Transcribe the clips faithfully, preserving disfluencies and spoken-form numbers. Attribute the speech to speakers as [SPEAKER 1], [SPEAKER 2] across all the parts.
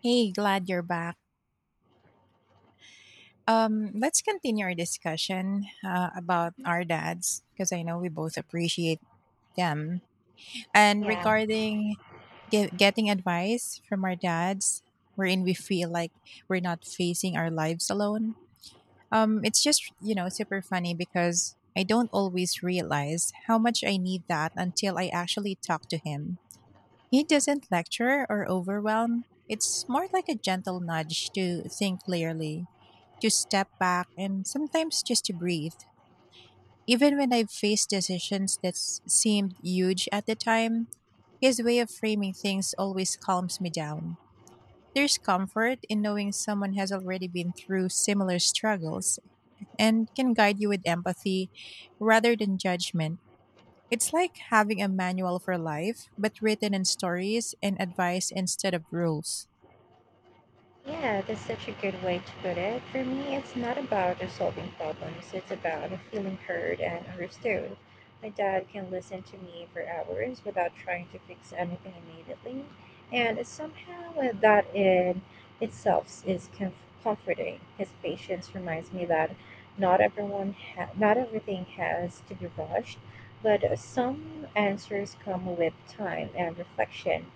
[SPEAKER 1] Hey, glad you're back. Um, let's continue our discussion uh, about our dads because I know we both appreciate them. And
[SPEAKER 2] Yeah,
[SPEAKER 1] regarding ge- getting advice from our dads, wherein we feel like we're not facing our lives alone. Um, it's just, you know, super funny because I don't always realize how much I need that until I actually talk to him. He doesn't lecture or overwhelm. It's more like a gentle nudge to think clearly, to step back, and sometimes just to breathe. Even when I've faced decisions that s- seemed huge at the time, his way of framing things always calms me down. There's comfort in knowing someone has already been through similar struggles and can guide you with empathy rather than judgment. It's like having a manual for life, but written in stories and advice instead of rules.
[SPEAKER 2] yeah, that's such a good way to put it. For me, it's not about uh, solving problems, it's about feeling heard and understood. My dad can listen to me for hours without trying to fix anything immediately, and somehow uh, that in itself is com- comforting. His patience reminds me that not everyone ha- not everything has to be rushed, but uh, some answers come with time and reflection.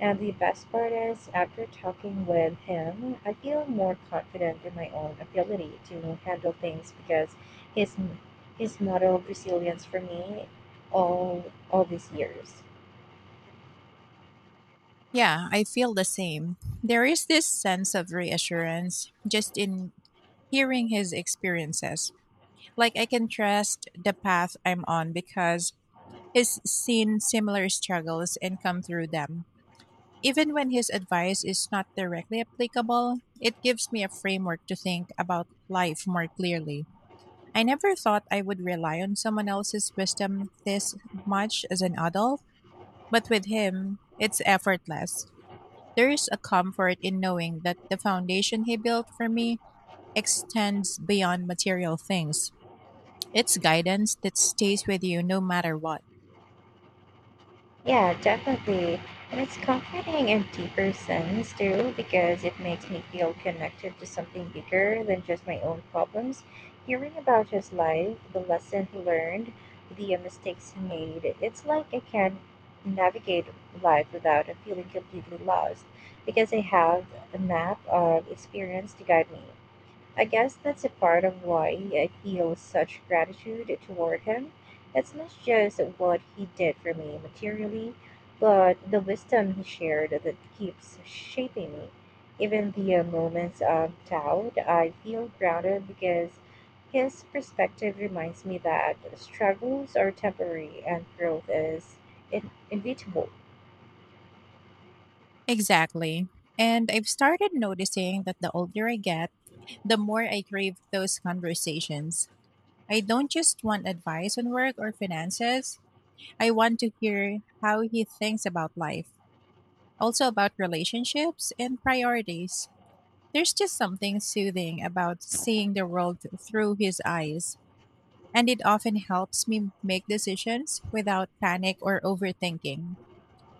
[SPEAKER 2] And the best part is, after talking with him, I feel more confident in my own ability to handle things because his he's modeled resilience for me all all these years.
[SPEAKER 1] Yeah, I feel the same. There is this sense of reassurance just in hearing his experiences. Like I can trust the path I'm on because he's seen similar struggles and come through them. Even when his advice is not directly applicable, it gives me a framework to think about life more clearly. I never thought I would rely on someone else's wisdom this much as an adult, but with him, it's effortless. There is a comfort in knowing that the foundation he built for me extends beyond material things. It's guidance that stays with you no matter what.
[SPEAKER 2] Yeah, definitely. And it's comforting in deeper sense too, because it makes me feel connected to something bigger than just my own problems. Hearing about his life, the lesson he learned, the uh, mistakes he made, it's like I can navigate life without uh, feeling completely lost, because I have a map of experience to guide me. I guess that's a part of why I feel such gratitude toward him. It's not just what he did for me materially, but the wisdom he shared that keeps shaping me. Even the uh, moments of doubt, I feel grounded because his perspective reminds me that struggles are temporary and growth is in- inevitable.
[SPEAKER 1] Exactly. And I've started noticing that the older I get, the more I crave those conversations. I don't just want advice on work or finances. I want to hear how he thinks about life, also about relationships and priorities. There's just something soothing about seeing the world through his eyes, and it often helps me make decisions without panic or overthinking.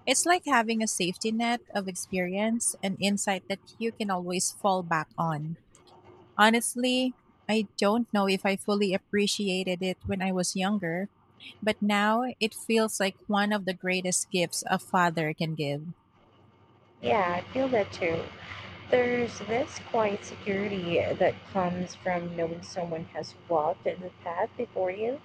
[SPEAKER 1] It's like having a safety net of experience and insight that you can always fall back on. Honestly, I don't know if I fully appreciated it when I was younger, but now it feels like one of the greatest gifts a father can give.
[SPEAKER 2] Yeah, I feel that too. There's this quiet security that comes from knowing someone has walked the path before you,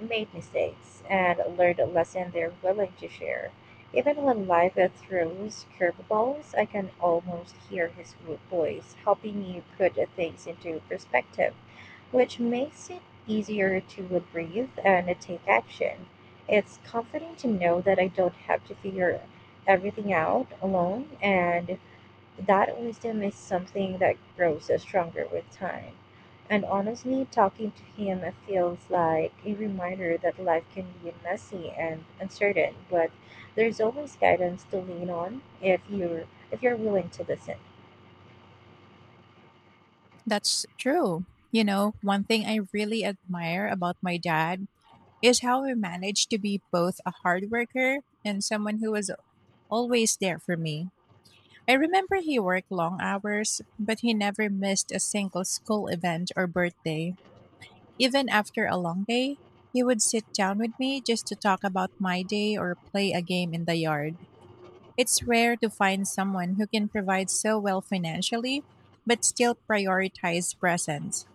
[SPEAKER 2] made mistakes, and learned a lesson they're willing to share. Even when life throws curveballs, I can almost hear his wo- voice helping you put things into perspective, which makes it easier to breathe and take action. It's comforting to know that I don't have to figure everything out alone and that wisdom is something that grows stronger with time. And honestly, talking to him feels like a reminder that life can be messy and uncertain, but there's always guidance to lean on if you're if you're willing to listen.
[SPEAKER 1] That's true. You know, one thing I really admire about my dad is how he managed to be both a hard worker and someone who was always there for me. I remember he worked long hours, but he never missed a single school event or birthday. Even after a long day, he would sit down with me just to talk about my day or play a game in the yard. It's rare to find someone who can provide so well financially, but still prioritize presence.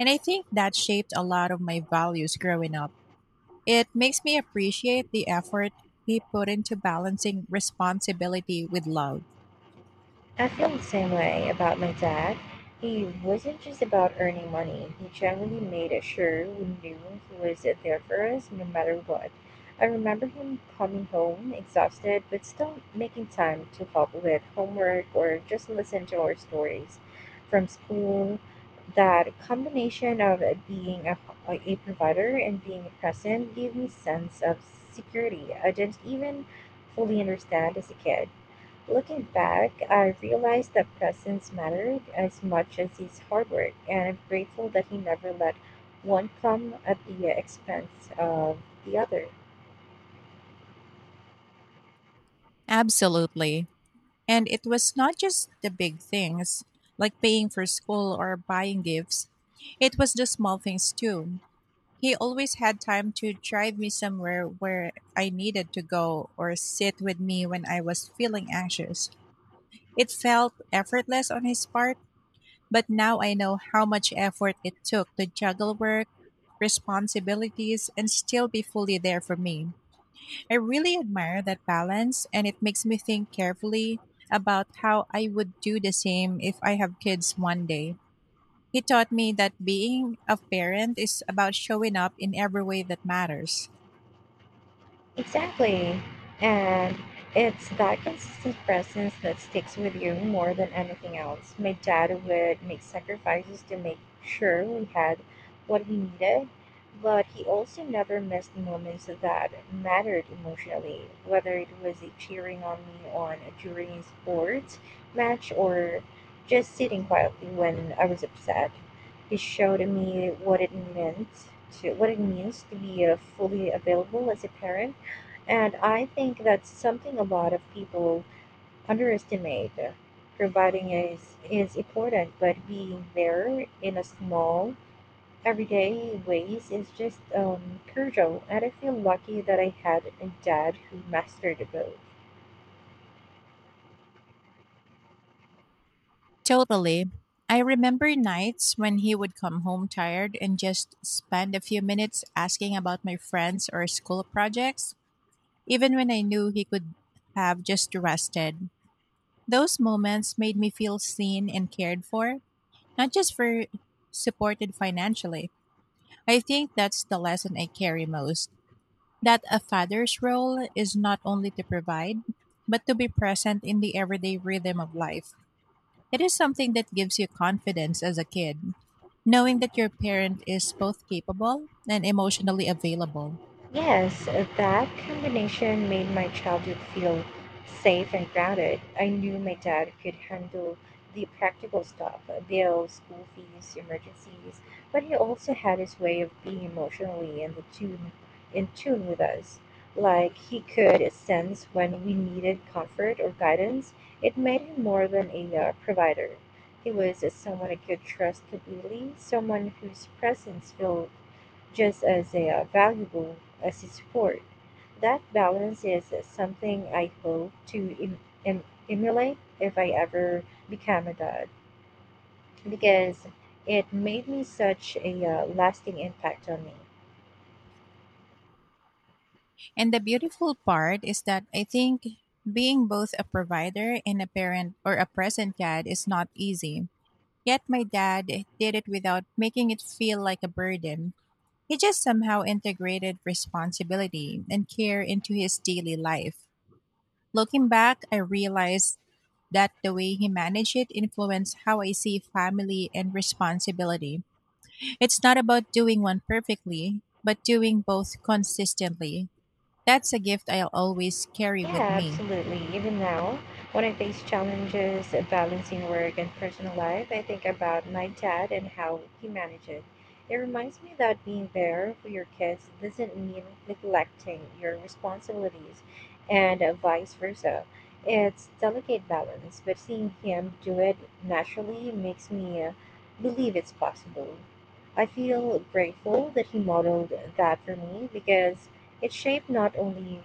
[SPEAKER 1] And I think that shaped a lot of my values growing up. It makes me appreciate the effort he put into balancing responsibility with love.
[SPEAKER 2] I feel the same way about my dad. He wasn't just about earning money. He generally made it sure we knew he was there for us no matter what. I remember him coming home exhausted but still making time to help with homework or just listen to our stories from school. That combination of being a, a provider and being present gave me sense of security I didn't even fully understand as a kid. Looking back, I realized that presence mattered as much as his hard work, and I'm grateful that he never let one come at the expense of the other.
[SPEAKER 1] Absolutely. And it was not just the big things, like paying for school or buying gifts, it was the small things too. He always had time to drive me somewhere where I needed to go or sit with me when I was feeling anxious. It felt effortless on his part, but now I know how much effort it took to juggle work, responsibilities, and still be fully there for me. I really admire that balance, and it makes me think carefully about how I would do the same if I have kids one day. He taught me that being a parent is about showing up in every way that matters.
[SPEAKER 2] Exactly. And it's that consistent presence that sticks with you more than anything else. My dad would make sacrifices to make sure we had what we needed, but he also never missed moments that mattered emotionally, whether it was a cheering on me on during a sports match or just sitting quietly when I was upset. He showed me what it meant to what it means to be uh, fully available as a parent and I think that's something a lot of people underestimate. Providing is, is important, but being there in a small, everyday ways is just um, crucial. And I feel lucky that I had a dad who mastered both.
[SPEAKER 1] Totally. I remember nights when he would come home tired and just spend a few minutes asking about my friends or school projects, even when I knew he could have just rested. Those moments made me feel seen and cared for, not just for supported financially. I think that's the lesson I carry most that a father's role is not only to provide, but to be present in the everyday rhythm of life. It is something that gives you confidence as a kid, knowing that your parent is both capable and emotionally available.
[SPEAKER 2] Yes, that combination made my childhood feel safe and grounded. I knew my dad could handle the practical stuff, bills, school fees, emergencies, but he also had his way of being emotionally in the tune in tune with us. Like he could sense when we needed comfort or guidance. It made him more than a uh, provider. He was someone I could trust completely, someone whose presence feel, just as they valuable as a sport. That balance is something I hope to em- em- emulate if I ever become a dad because it made me such a uh, lasting impact on me.
[SPEAKER 1] And the beautiful part is that I think being both a provider and a parent or a present dad is not easy. Yet my dad did it without making it feel like a burden. He just somehow integrated responsibility and care into his daily life. Looking back, I realized that the way he managed it influenced how I see family and responsibility. It's not about doing one perfectly, but doing both consistently. That's a gift I'll always carry
[SPEAKER 2] Yeah,
[SPEAKER 1] with me.
[SPEAKER 2] absolutely. Even now, when I face challenges of balancing work and personal life, I think about my dad and how he managed it. It reminds me that being there for your kids doesn't mean neglecting your responsibilities and uh, vice versa. It's delicate balance, but seeing him do it naturally makes me uh, believe it's possible. I feel grateful that he modeled that for me because it shaped not only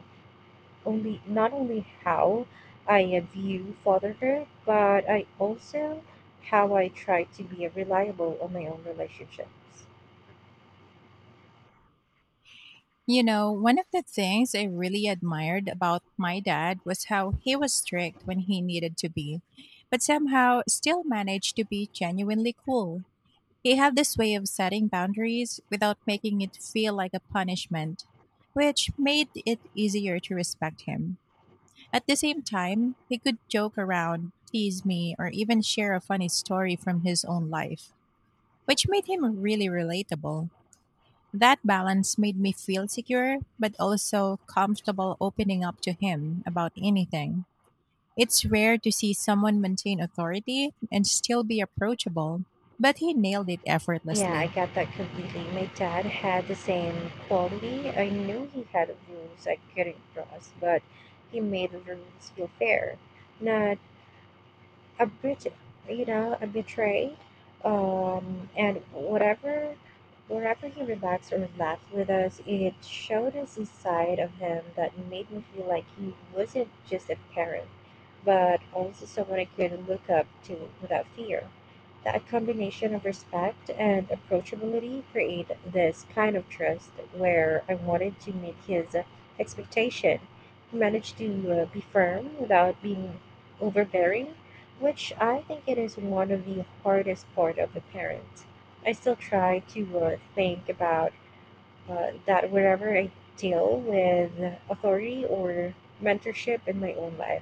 [SPEAKER 2] only not only how I view fatherhood, but I also how I try to be reliable on my own relationships.
[SPEAKER 1] You know, one of the things I really admired about my dad was how he was strict when he needed to be, but somehow still managed to be genuinely cool. He had this way of setting boundaries without making it feel like a punishment, which made it easier to respect him. At the same time, he could joke around, tease me, or even share a funny story from his own life, which made him really relatable. That balance made me feel secure, but also comfortable opening up to him about anything. It's rare to see someone maintain authority and still be approachable, but he nailed it
[SPEAKER 2] Yeah, I
[SPEAKER 1] effortlessly.
[SPEAKER 2] got that completely. My dad had the same quality. I knew he had rules I couldn't cross, but he made the rules feel fair, not a bit you know a betray um, and whatever wherever he relaxed or laughed with us, it showed us a side of him that made me feel like he wasn't just a parent but also someone I could look up to without fear. That combination of respect and approachability created this kind of trust where I wanted to meet his expectation. He managed to uh, be firm without being overbearing, which I think it is one of the hardest part of a parent. I still try to uh, think about uh, that whenever I deal with authority or mentorship in my own life.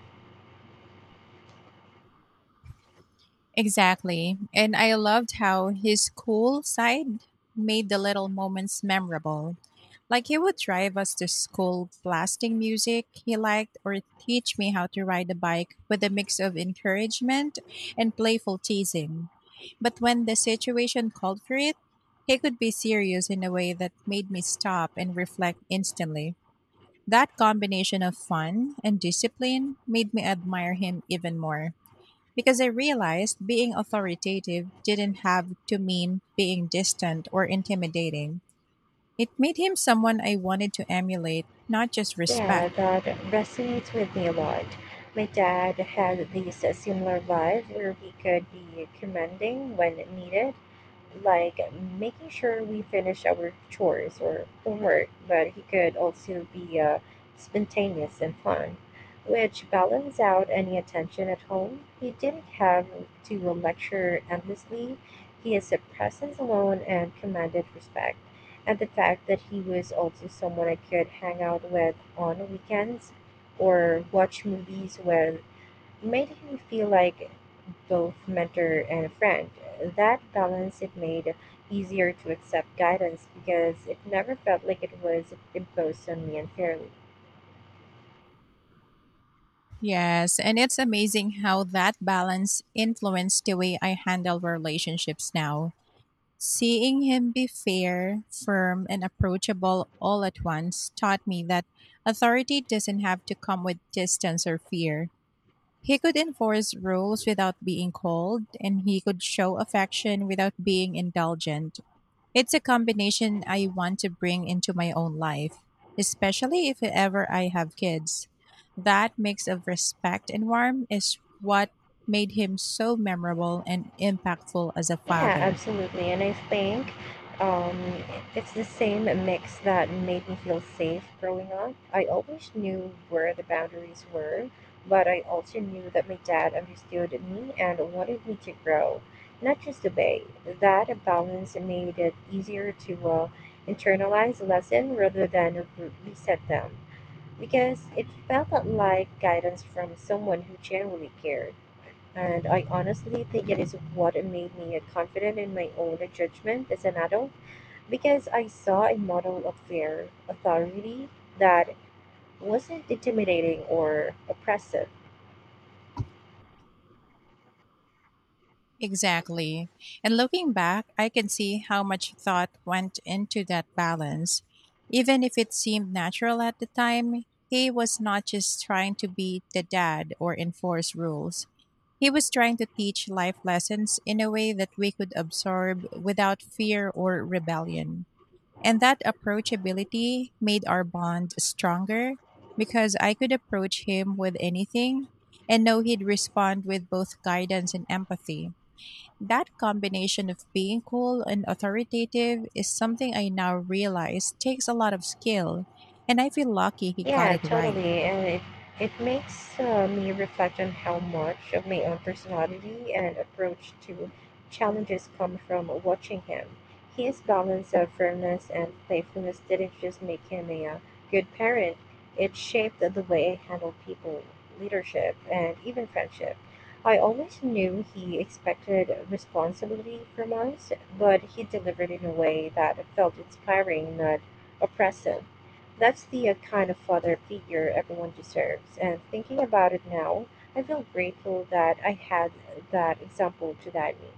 [SPEAKER 1] Exactly. And I loved how his cool side made the little moments memorable. Like he would drive us to school blasting music he liked or teach me how to ride a bike with a mix of encouragement and playful teasing. But when the situation called for it, he could be serious in a way that made me stop and reflect instantly. That combination of fun and discipline made me admire him even more because I realized being authoritative didn't have to mean being distant or intimidating. It made him someone I wanted to emulate, not just
[SPEAKER 2] Yeah,
[SPEAKER 1] respect.
[SPEAKER 2] that resonates with me a lot. My dad had this similar vibe where we could be commanding when needed, like making sure we finish our chores or homework, but he could also be uh, spontaneous and fun, which balanced out any attention at home. He didn't have to lecture endlessly. His presence alone and commanded respect, and the fact that he was also someone I could hang out with on weekends or watch movies with made him feel like both mentor and friend. That balance it made easier to accept guidance because it never felt like it was imposed on me unfairly.
[SPEAKER 1] Yes, and it's amazing how that balance influenced the way I handle relationships now. Seeing him be fair, firm, and approachable all at once taught me that authority doesn't have to come with distance or fear. He could enforce rules without being cold, and he could show affection without being indulgent. It's a combination I want to bring into my own life, especially if ever I have kids. That mix of respect and warmth is what made him so memorable and impactful as a
[SPEAKER 2] Yeah,
[SPEAKER 1] father.
[SPEAKER 2] absolutely. And I think um, it's the same mix that made me feel safe growing up. I always knew where the boundaries were, but I also knew that my dad understood me and wanted me to grow, not just obey. That balance made it easier to uh, internalize a lesson rather than re- reset them, because it felt like guidance from someone who genuinely cared. And I honestly think it is what made me confident in my own judgment as an adult because I saw a model of fair authority that wasn't intimidating or oppressive.
[SPEAKER 1] Exactly. And looking back, I can see how much thought went into that balance. Even if it seemed natural at the time, he was not just trying to be the dad or enforce rules. He was trying to teach life lessons in a way that we could absorb without fear or rebellion. And that approachability made our bond stronger because I could approach him with anything and know he'd respond with both guidance and empathy. That combination of being cool and authoritative is something I now realize takes a lot of skill, and I feel lucky he got
[SPEAKER 2] Yeah,
[SPEAKER 1] it right.
[SPEAKER 2] totally. And it, it makes uh, me reflect on how much of my own personality and approach to challenges come from watching him. His balance of firmness and playfulness didn't just make him a uh, good parent, it shaped the way I handle people, leadership, and even friendship. I always knew he expected responsibility from us, but he delivered in a way that felt inspiring, not oppressive. That's the uh, kind of father figure everyone deserves. And thinking about it now, I feel grateful that I had that example to guide me.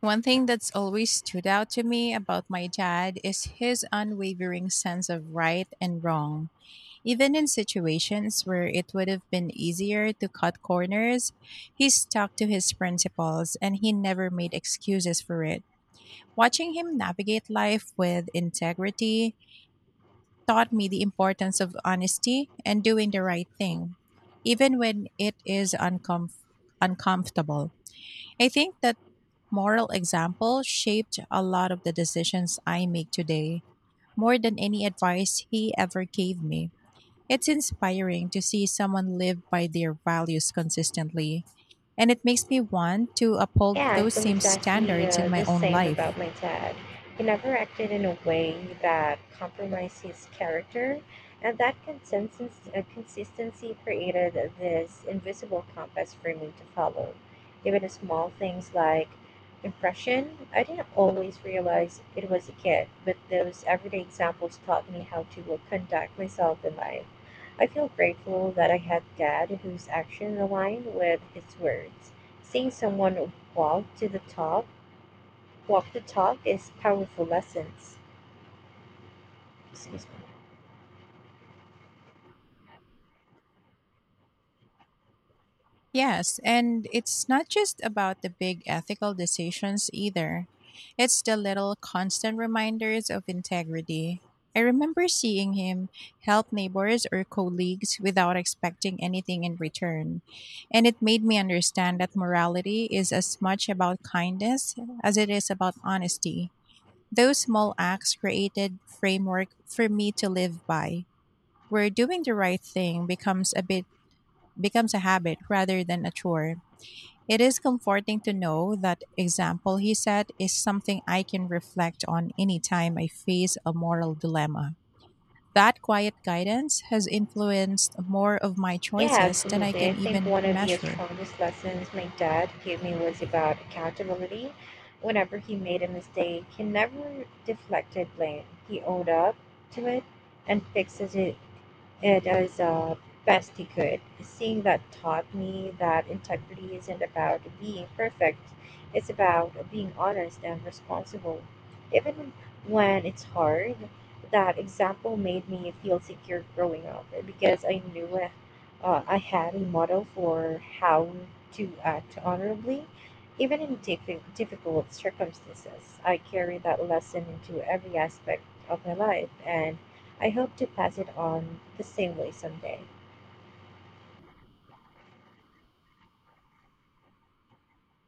[SPEAKER 1] One thing that's always stood out to me about my dad is his unwavering sense of right and wrong. Even in situations where it would have been easier to cut corners, he stuck to his principles and he never made excuses for it. Watching him navigate life with integrity taught me the importance of honesty and doing the right thing, even when it is uncomf- uncomfortable. I think that moral example shaped a lot of the decisions I make today, more than any advice he ever gave me. It's inspiring to see someone live by their values consistently, and it makes me want to uphold
[SPEAKER 2] Yeah, I
[SPEAKER 1] those
[SPEAKER 2] feel
[SPEAKER 1] same
[SPEAKER 2] exactly
[SPEAKER 1] standards
[SPEAKER 2] uh,
[SPEAKER 1] in my
[SPEAKER 2] the
[SPEAKER 1] own
[SPEAKER 2] same
[SPEAKER 1] life.
[SPEAKER 2] about my dad. He never acted in a way that compromised his character, and that consensus, uh, consistency created this invisible compass for me to follow. Even small things like impression, I didn't always realize it was a kid, but those everyday examples taught me how to uh, conduct myself in life. I feel grateful that I had dad whose actions aligned with his words, seeing someone Walk to the talk. Walk the talk is powerful lessons. Excuse me.
[SPEAKER 1] Yes, and it's not just about the big ethical decisions either. It's the little constant reminders of integrity. I remember seeing him help neighbors or colleagues without expecting anything in return. And it made me understand that morality is as much about kindness as it is about honesty. Those small acts created framework for me to live by, where doing the right thing becomes a bit becomes a habit rather than a chore. It is comforting to know that example he set is something I can reflect on anytime I face a moral dilemma. That quiet guidance has influenced more of my
[SPEAKER 2] Yeah,
[SPEAKER 1] choices than I
[SPEAKER 2] absolutely. I
[SPEAKER 1] can
[SPEAKER 2] think
[SPEAKER 1] even
[SPEAKER 2] one of the
[SPEAKER 1] measure.
[SPEAKER 2] strongest lessons my dad gave me was about accountability. Whenever he made a mistake, he never deflected blame. He owned up to it and fixes it. It is uh, best he could. Seeing that taught me that integrity isn't about being perfect, it's about being honest and responsible. Even when it's hard, that example made me feel secure growing up because I knew uh, I had a model for how to act honorably. Even in diffi- difficult circumstances, I carry that lesson into every aspect of my life and I hope to pass it on the same way someday.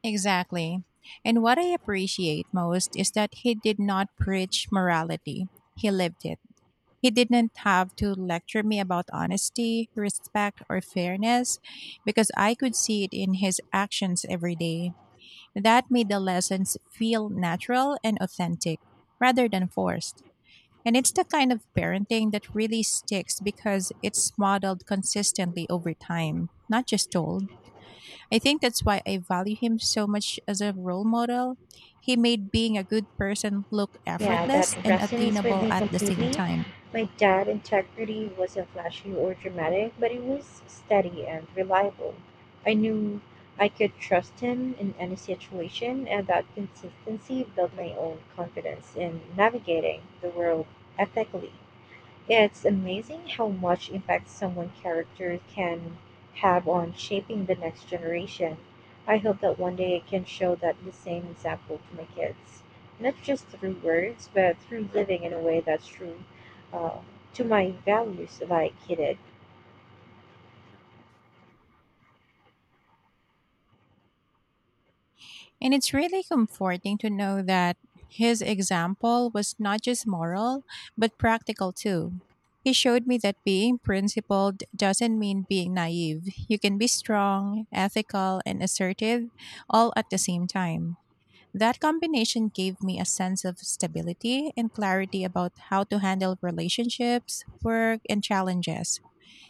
[SPEAKER 1] Exactly. And what I appreciate most is that he did not preach morality, he lived it. He didn't have to lecture me about honesty, respect, or fairness because I could see it in his actions every day. That made the lessons feel natural and authentic rather than forced. And it's the kind of parenting that really sticks because it's modeled consistently over time, not just told. I think that's why I value him so much as a role model. He made being a good person look
[SPEAKER 2] Yeah, that
[SPEAKER 1] effortless and
[SPEAKER 2] resonates with
[SPEAKER 1] attainable
[SPEAKER 2] me
[SPEAKER 1] at the same
[SPEAKER 2] completely.
[SPEAKER 1] time.
[SPEAKER 2] My dad integrity wasn't flashy or dramatic, but it was steady and reliable. I knew I could trust him in any situation, and that consistency built my own confidence in navigating the world ethically. It's amazing how much impact someone's character can have on shaping the next generation. I hope that one day I can show that the same example to my kids, not just through words, but through living in a way that's true uh, to my values, like he did.
[SPEAKER 1] And it's really comforting to know that his example was not just moral, but practical too. He showed me that being principled doesn't mean being naive. You can be strong, ethical, and assertive all at the same time. That combination gave me a sense of stability and clarity about how to handle relationships, work, and challenges.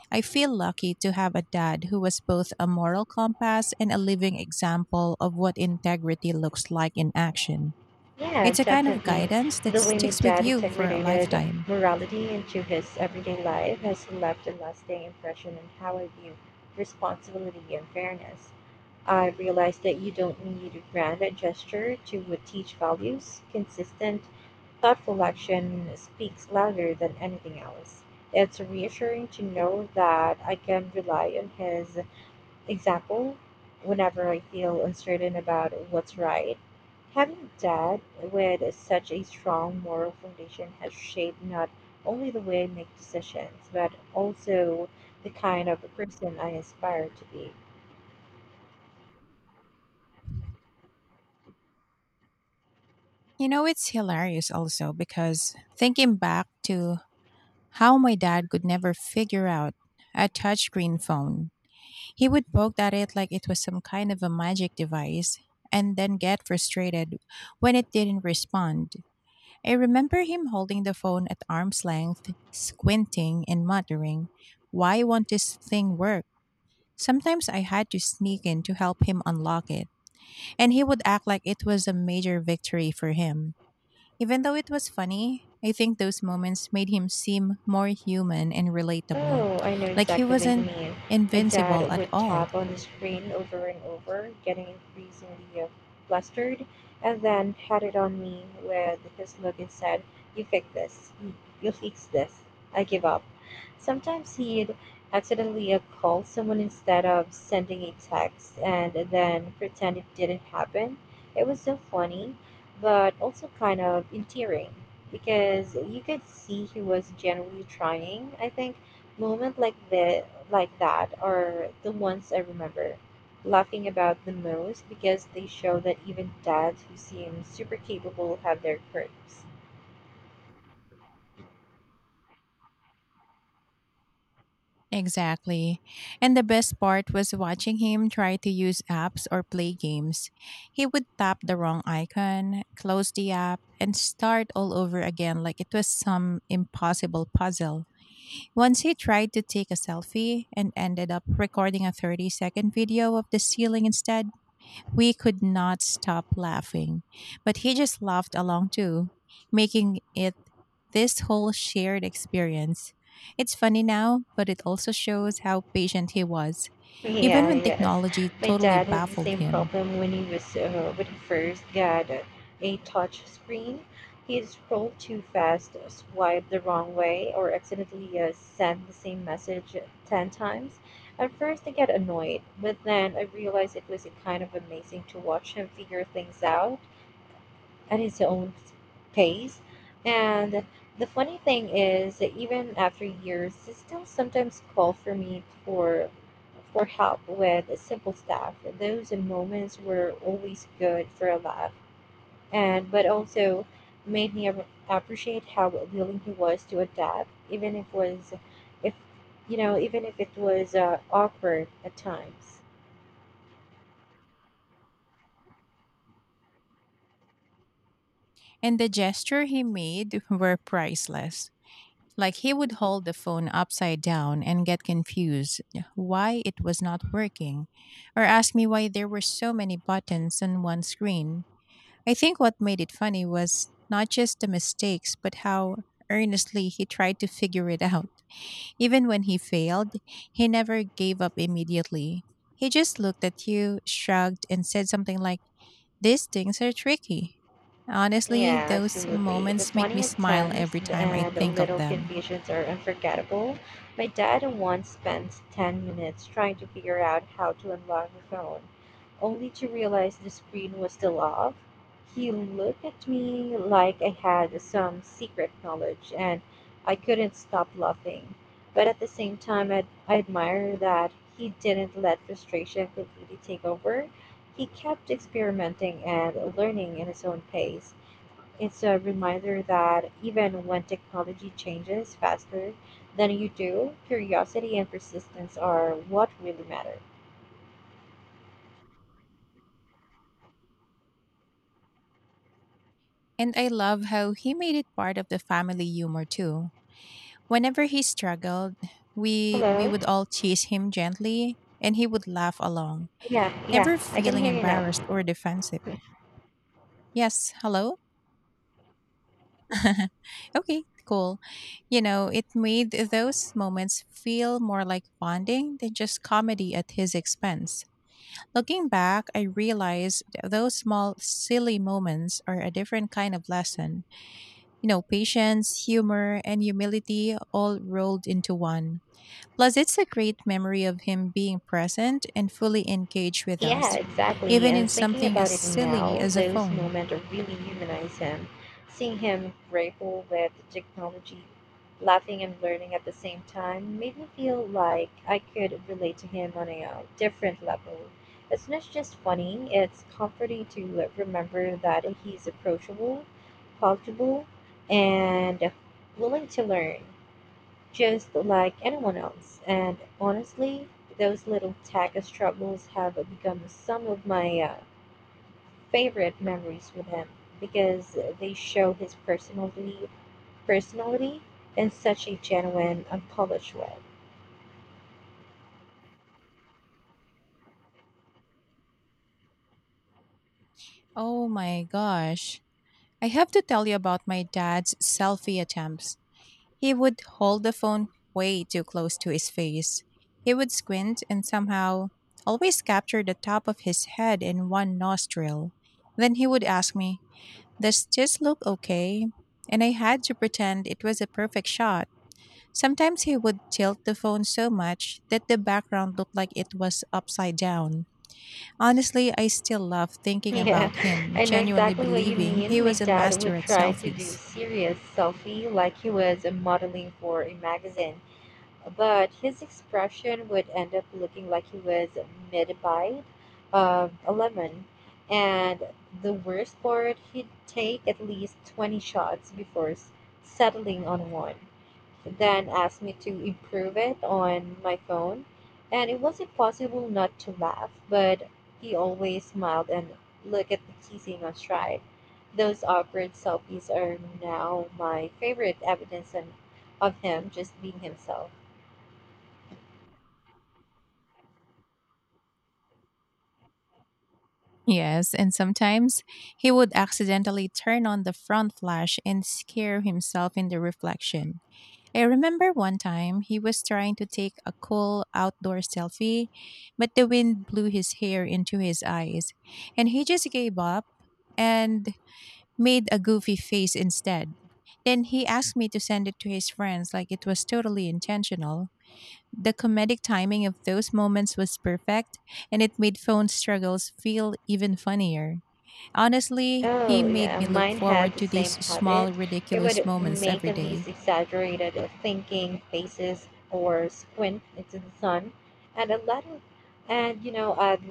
[SPEAKER 1] I feel lucky to have a dad who was both a moral compass and a living example of what integrity looks like in action.
[SPEAKER 2] Yeah,
[SPEAKER 1] It's a kind of
[SPEAKER 2] definitely.
[SPEAKER 1] guidance that
[SPEAKER 2] The way my
[SPEAKER 1] sticks with
[SPEAKER 2] dad
[SPEAKER 1] you for a
[SPEAKER 2] integrated
[SPEAKER 1] lifetime.
[SPEAKER 2] morality into his everyday life has left a lasting impression on how I view responsibility and fairness. I realized that you don't need a grand gesture to teach values. Consistent, thoughtful action speaks louder than anything else. It's reassuring to know that I can rely on his example whenever I feel uncertain about what's right. Having dad with such a strong moral foundation has shaped not only the way I make decisions, but also the kind of person I aspire to be.
[SPEAKER 1] You know, it's hilarious also because thinking back to how my dad could never figure out a touchscreen phone. He would poke at it like it was some kind of a magic device and then get frustrated when it didn't respond. I remember him holding the phone at arm's length, squinting and muttering, why won't this thing work? Sometimes I had to sneak in to help him unlock it, and he would act like it was a major victory for him. Even though it was funny, I think those moments made him seem more human and relatable.
[SPEAKER 2] Oh, I know
[SPEAKER 1] Like he
[SPEAKER 2] exactly what you
[SPEAKER 1] wasn't
[SPEAKER 2] mean. My
[SPEAKER 1] invincible
[SPEAKER 2] dad
[SPEAKER 1] at
[SPEAKER 2] would
[SPEAKER 1] all.
[SPEAKER 2] tap on the screen over and over, getting increasingly uh, flustered, and then pat it on me with his look and said, you fix this. You you fix this. I give up. Sometimes he'd accidentally uh, call someone instead of sending a text and then pretend it didn't happen. It was so funny, but also kind of endearing because you could see he was genuinely trying, I think. Moments like the like that are the ones I remember laughing about the most because they show that even dads who seem super capable have their quirks.
[SPEAKER 1] Exactly. And the best part was watching him try to use apps or play games. He would tap the wrong icon, close the app, and start all over again like it was some impossible puzzle. Once he tried to take a selfie and ended up recording a thirty second video of the ceiling instead. We could not stop laughing, but he just laughed along too, making it this whole shared experience. It's funny now, but it also shows how patient he was, even
[SPEAKER 2] Yeah,
[SPEAKER 1] when
[SPEAKER 2] yes.
[SPEAKER 1] technology
[SPEAKER 2] My
[SPEAKER 1] totally
[SPEAKER 2] dad had the
[SPEAKER 1] baffled
[SPEAKER 2] same
[SPEAKER 1] him.
[SPEAKER 2] problem when he was uh, when he first got a, a touch screen. He scrolled too fast, swiped the wrong way, or accidentally uh, sent the same message ten times. At first, I get annoyed, but then I realized it was a kind of amazing to watch him figure things out at his own pace. And the funny thing is that even after years, he still sometimes call for me for for help with simple stuff. Those moments were always good for a laugh, and but also made me ap- appreciate how willing he was to adapt, even if was if you know even if it was uh, awkward at times.
[SPEAKER 1] And the gesture he made were priceless. Like he would hold the phone upside down and get confused why it was not working, or ask me why there were so many buttons on one screen. I think what made it funny was not just the mistakes, but how earnestly he tried to figure it out. Even when he failed, he never gave up immediately. He just looked at you, shrugged, and said something like, these things are tricky. Honestly,
[SPEAKER 2] Yeah,
[SPEAKER 1] those
[SPEAKER 2] absolutely. The
[SPEAKER 1] moments make me
[SPEAKER 2] funny
[SPEAKER 1] smile
[SPEAKER 2] attempts
[SPEAKER 1] every time I
[SPEAKER 2] and the
[SPEAKER 1] think of
[SPEAKER 2] little
[SPEAKER 1] them.
[SPEAKER 2] confusions are unforgettable. My dad once spent ten minutes trying to figure out how to unlock the phone, only to realize the screen was still off. He looked at me like I had some secret knowledge, and I couldn't stop laughing. But at the same time, I, I admire that he didn't let frustration completely take over. He kept experimenting and learning in his own pace. It's a reminder that even when technology changes faster than you do, curiosity and persistence are what really matter.
[SPEAKER 1] And I love how he made it part of the family humor too. Whenever he struggled, we we
[SPEAKER 2] Hello?
[SPEAKER 1] would all tease him gently and he would laugh along.
[SPEAKER 2] Yeah, yeah,
[SPEAKER 1] Never
[SPEAKER 2] I can
[SPEAKER 1] feeling
[SPEAKER 2] hear you now.
[SPEAKER 1] embarrassed or defensive. Yes, hello? Okay, cool. You know, it made those moments feel more like bonding than just comedy at his expense. Looking back, I realized those small, silly moments are a different kind of lesson. You know, patience, humor, and humility all rolled into one. Plus, it's a great memory of him being present and fully engaged with
[SPEAKER 2] Yeah,
[SPEAKER 1] us,
[SPEAKER 2] exactly.
[SPEAKER 1] even
[SPEAKER 2] And
[SPEAKER 1] in
[SPEAKER 2] thinking
[SPEAKER 1] something
[SPEAKER 2] about
[SPEAKER 1] as
[SPEAKER 2] it
[SPEAKER 1] silly
[SPEAKER 2] now,
[SPEAKER 1] as a
[SPEAKER 2] those
[SPEAKER 1] phone.
[SPEAKER 2] moments really humanize him. Seeing him grapple with technology, laughing and learning at the same time, made me feel like I could relate to him on a uh, different level. It's not just funny, it's comforting to remember that he's approachable, comfortable, and willing to learn just like anyone else. And honestly, those little tackle struggles have become some of my uh, favorite memories with him because they show his personality, personality in such a genuine, unpolished way.
[SPEAKER 1] Oh my gosh. I have to tell you about my dad's selfie attempts. He would hold the phone way too close to his face. He would squint and somehow always capture the top of his head in one nostril. Then he would ask me, does this look okay? And I had to pretend it was a perfect shot. Sometimes he would tilt the phone so much that the background looked like it was upside down. Honestly, I still love thinking
[SPEAKER 2] Yeah,
[SPEAKER 1] about him,
[SPEAKER 2] I know
[SPEAKER 1] genuinely
[SPEAKER 2] exactly what you
[SPEAKER 1] believing he
[SPEAKER 2] mean. My
[SPEAKER 1] was a
[SPEAKER 2] dad
[SPEAKER 1] master
[SPEAKER 2] would
[SPEAKER 1] at
[SPEAKER 2] try to
[SPEAKER 1] selfies.
[SPEAKER 2] do serious selfie like he was modeling for a magazine, but his expression would end up looking like he was mid bite of a lemon. And the worst part, he'd take at least twenty shots before s- settling on one. Then asked me to improve it on my phone. And it was impossible not to laugh, but he always smiled and looked at me kissing on stride. Those awkward selfies are now my favorite evidence and- of him just being himself.
[SPEAKER 1] Yes, and sometimes he would accidentally turn on the front flash and scare himself in the reflection. I remember one time he was trying to take a cool outdoor selfie, but the wind blew his hair into his eyes, and he just gave up and made a goofy face instead. Then he asked me to send it to his friends like it was totally intentional. The comedic timing of those moments was perfect, and it made phone struggles feel even funnier. Honestly, he
[SPEAKER 2] Oh,
[SPEAKER 1] made
[SPEAKER 2] yeah,
[SPEAKER 1] me look
[SPEAKER 2] mine had
[SPEAKER 1] forward
[SPEAKER 2] the
[SPEAKER 1] to
[SPEAKER 2] same
[SPEAKER 1] these
[SPEAKER 2] habit.
[SPEAKER 1] small,
[SPEAKER 2] It
[SPEAKER 1] ridiculous
[SPEAKER 2] would
[SPEAKER 1] moments
[SPEAKER 2] make
[SPEAKER 1] every day.
[SPEAKER 2] these exaggerated uh, thinking faces or squint into the sun, and a lot of, and you know, I'd,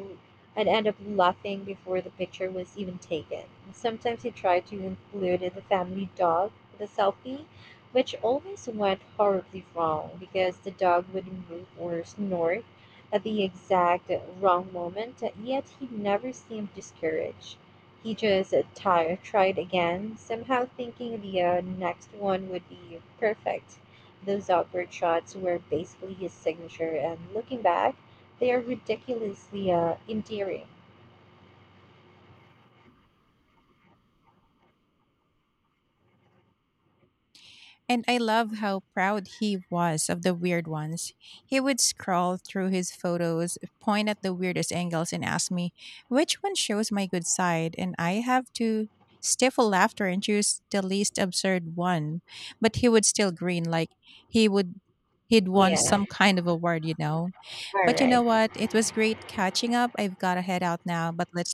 [SPEAKER 2] I'd end up laughing before the picture was even taken. Sometimes he tried to include the family dog in the selfie, which always went horribly wrong because the dog would move or snort at the exact wrong moment, yet he never seemed discouraged. He just tired, tried again, somehow thinking the uh, next one would be perfect. Those awkward shots were basically his signature, and looking back, they are ridiculously uh, endearing.
[SPEAKER 1] And I love how proud he was of the weird ones. He would scroll through his photos, point at the weirdest angles, and ask me, which one shows my good side? And I have to stifle laughter and choose the least absurd one. But he would still grin like he would. He'd won
[SPEAKER 2] Yeah,
[SPEAKER 1] some kind of award, you know.
[SPEAKER 2] all
[SPEAKER 1] But you know
[SPEAKER 2] right.
[SPEAKER 1] what? It was great catching up. I've got to head out now, but let's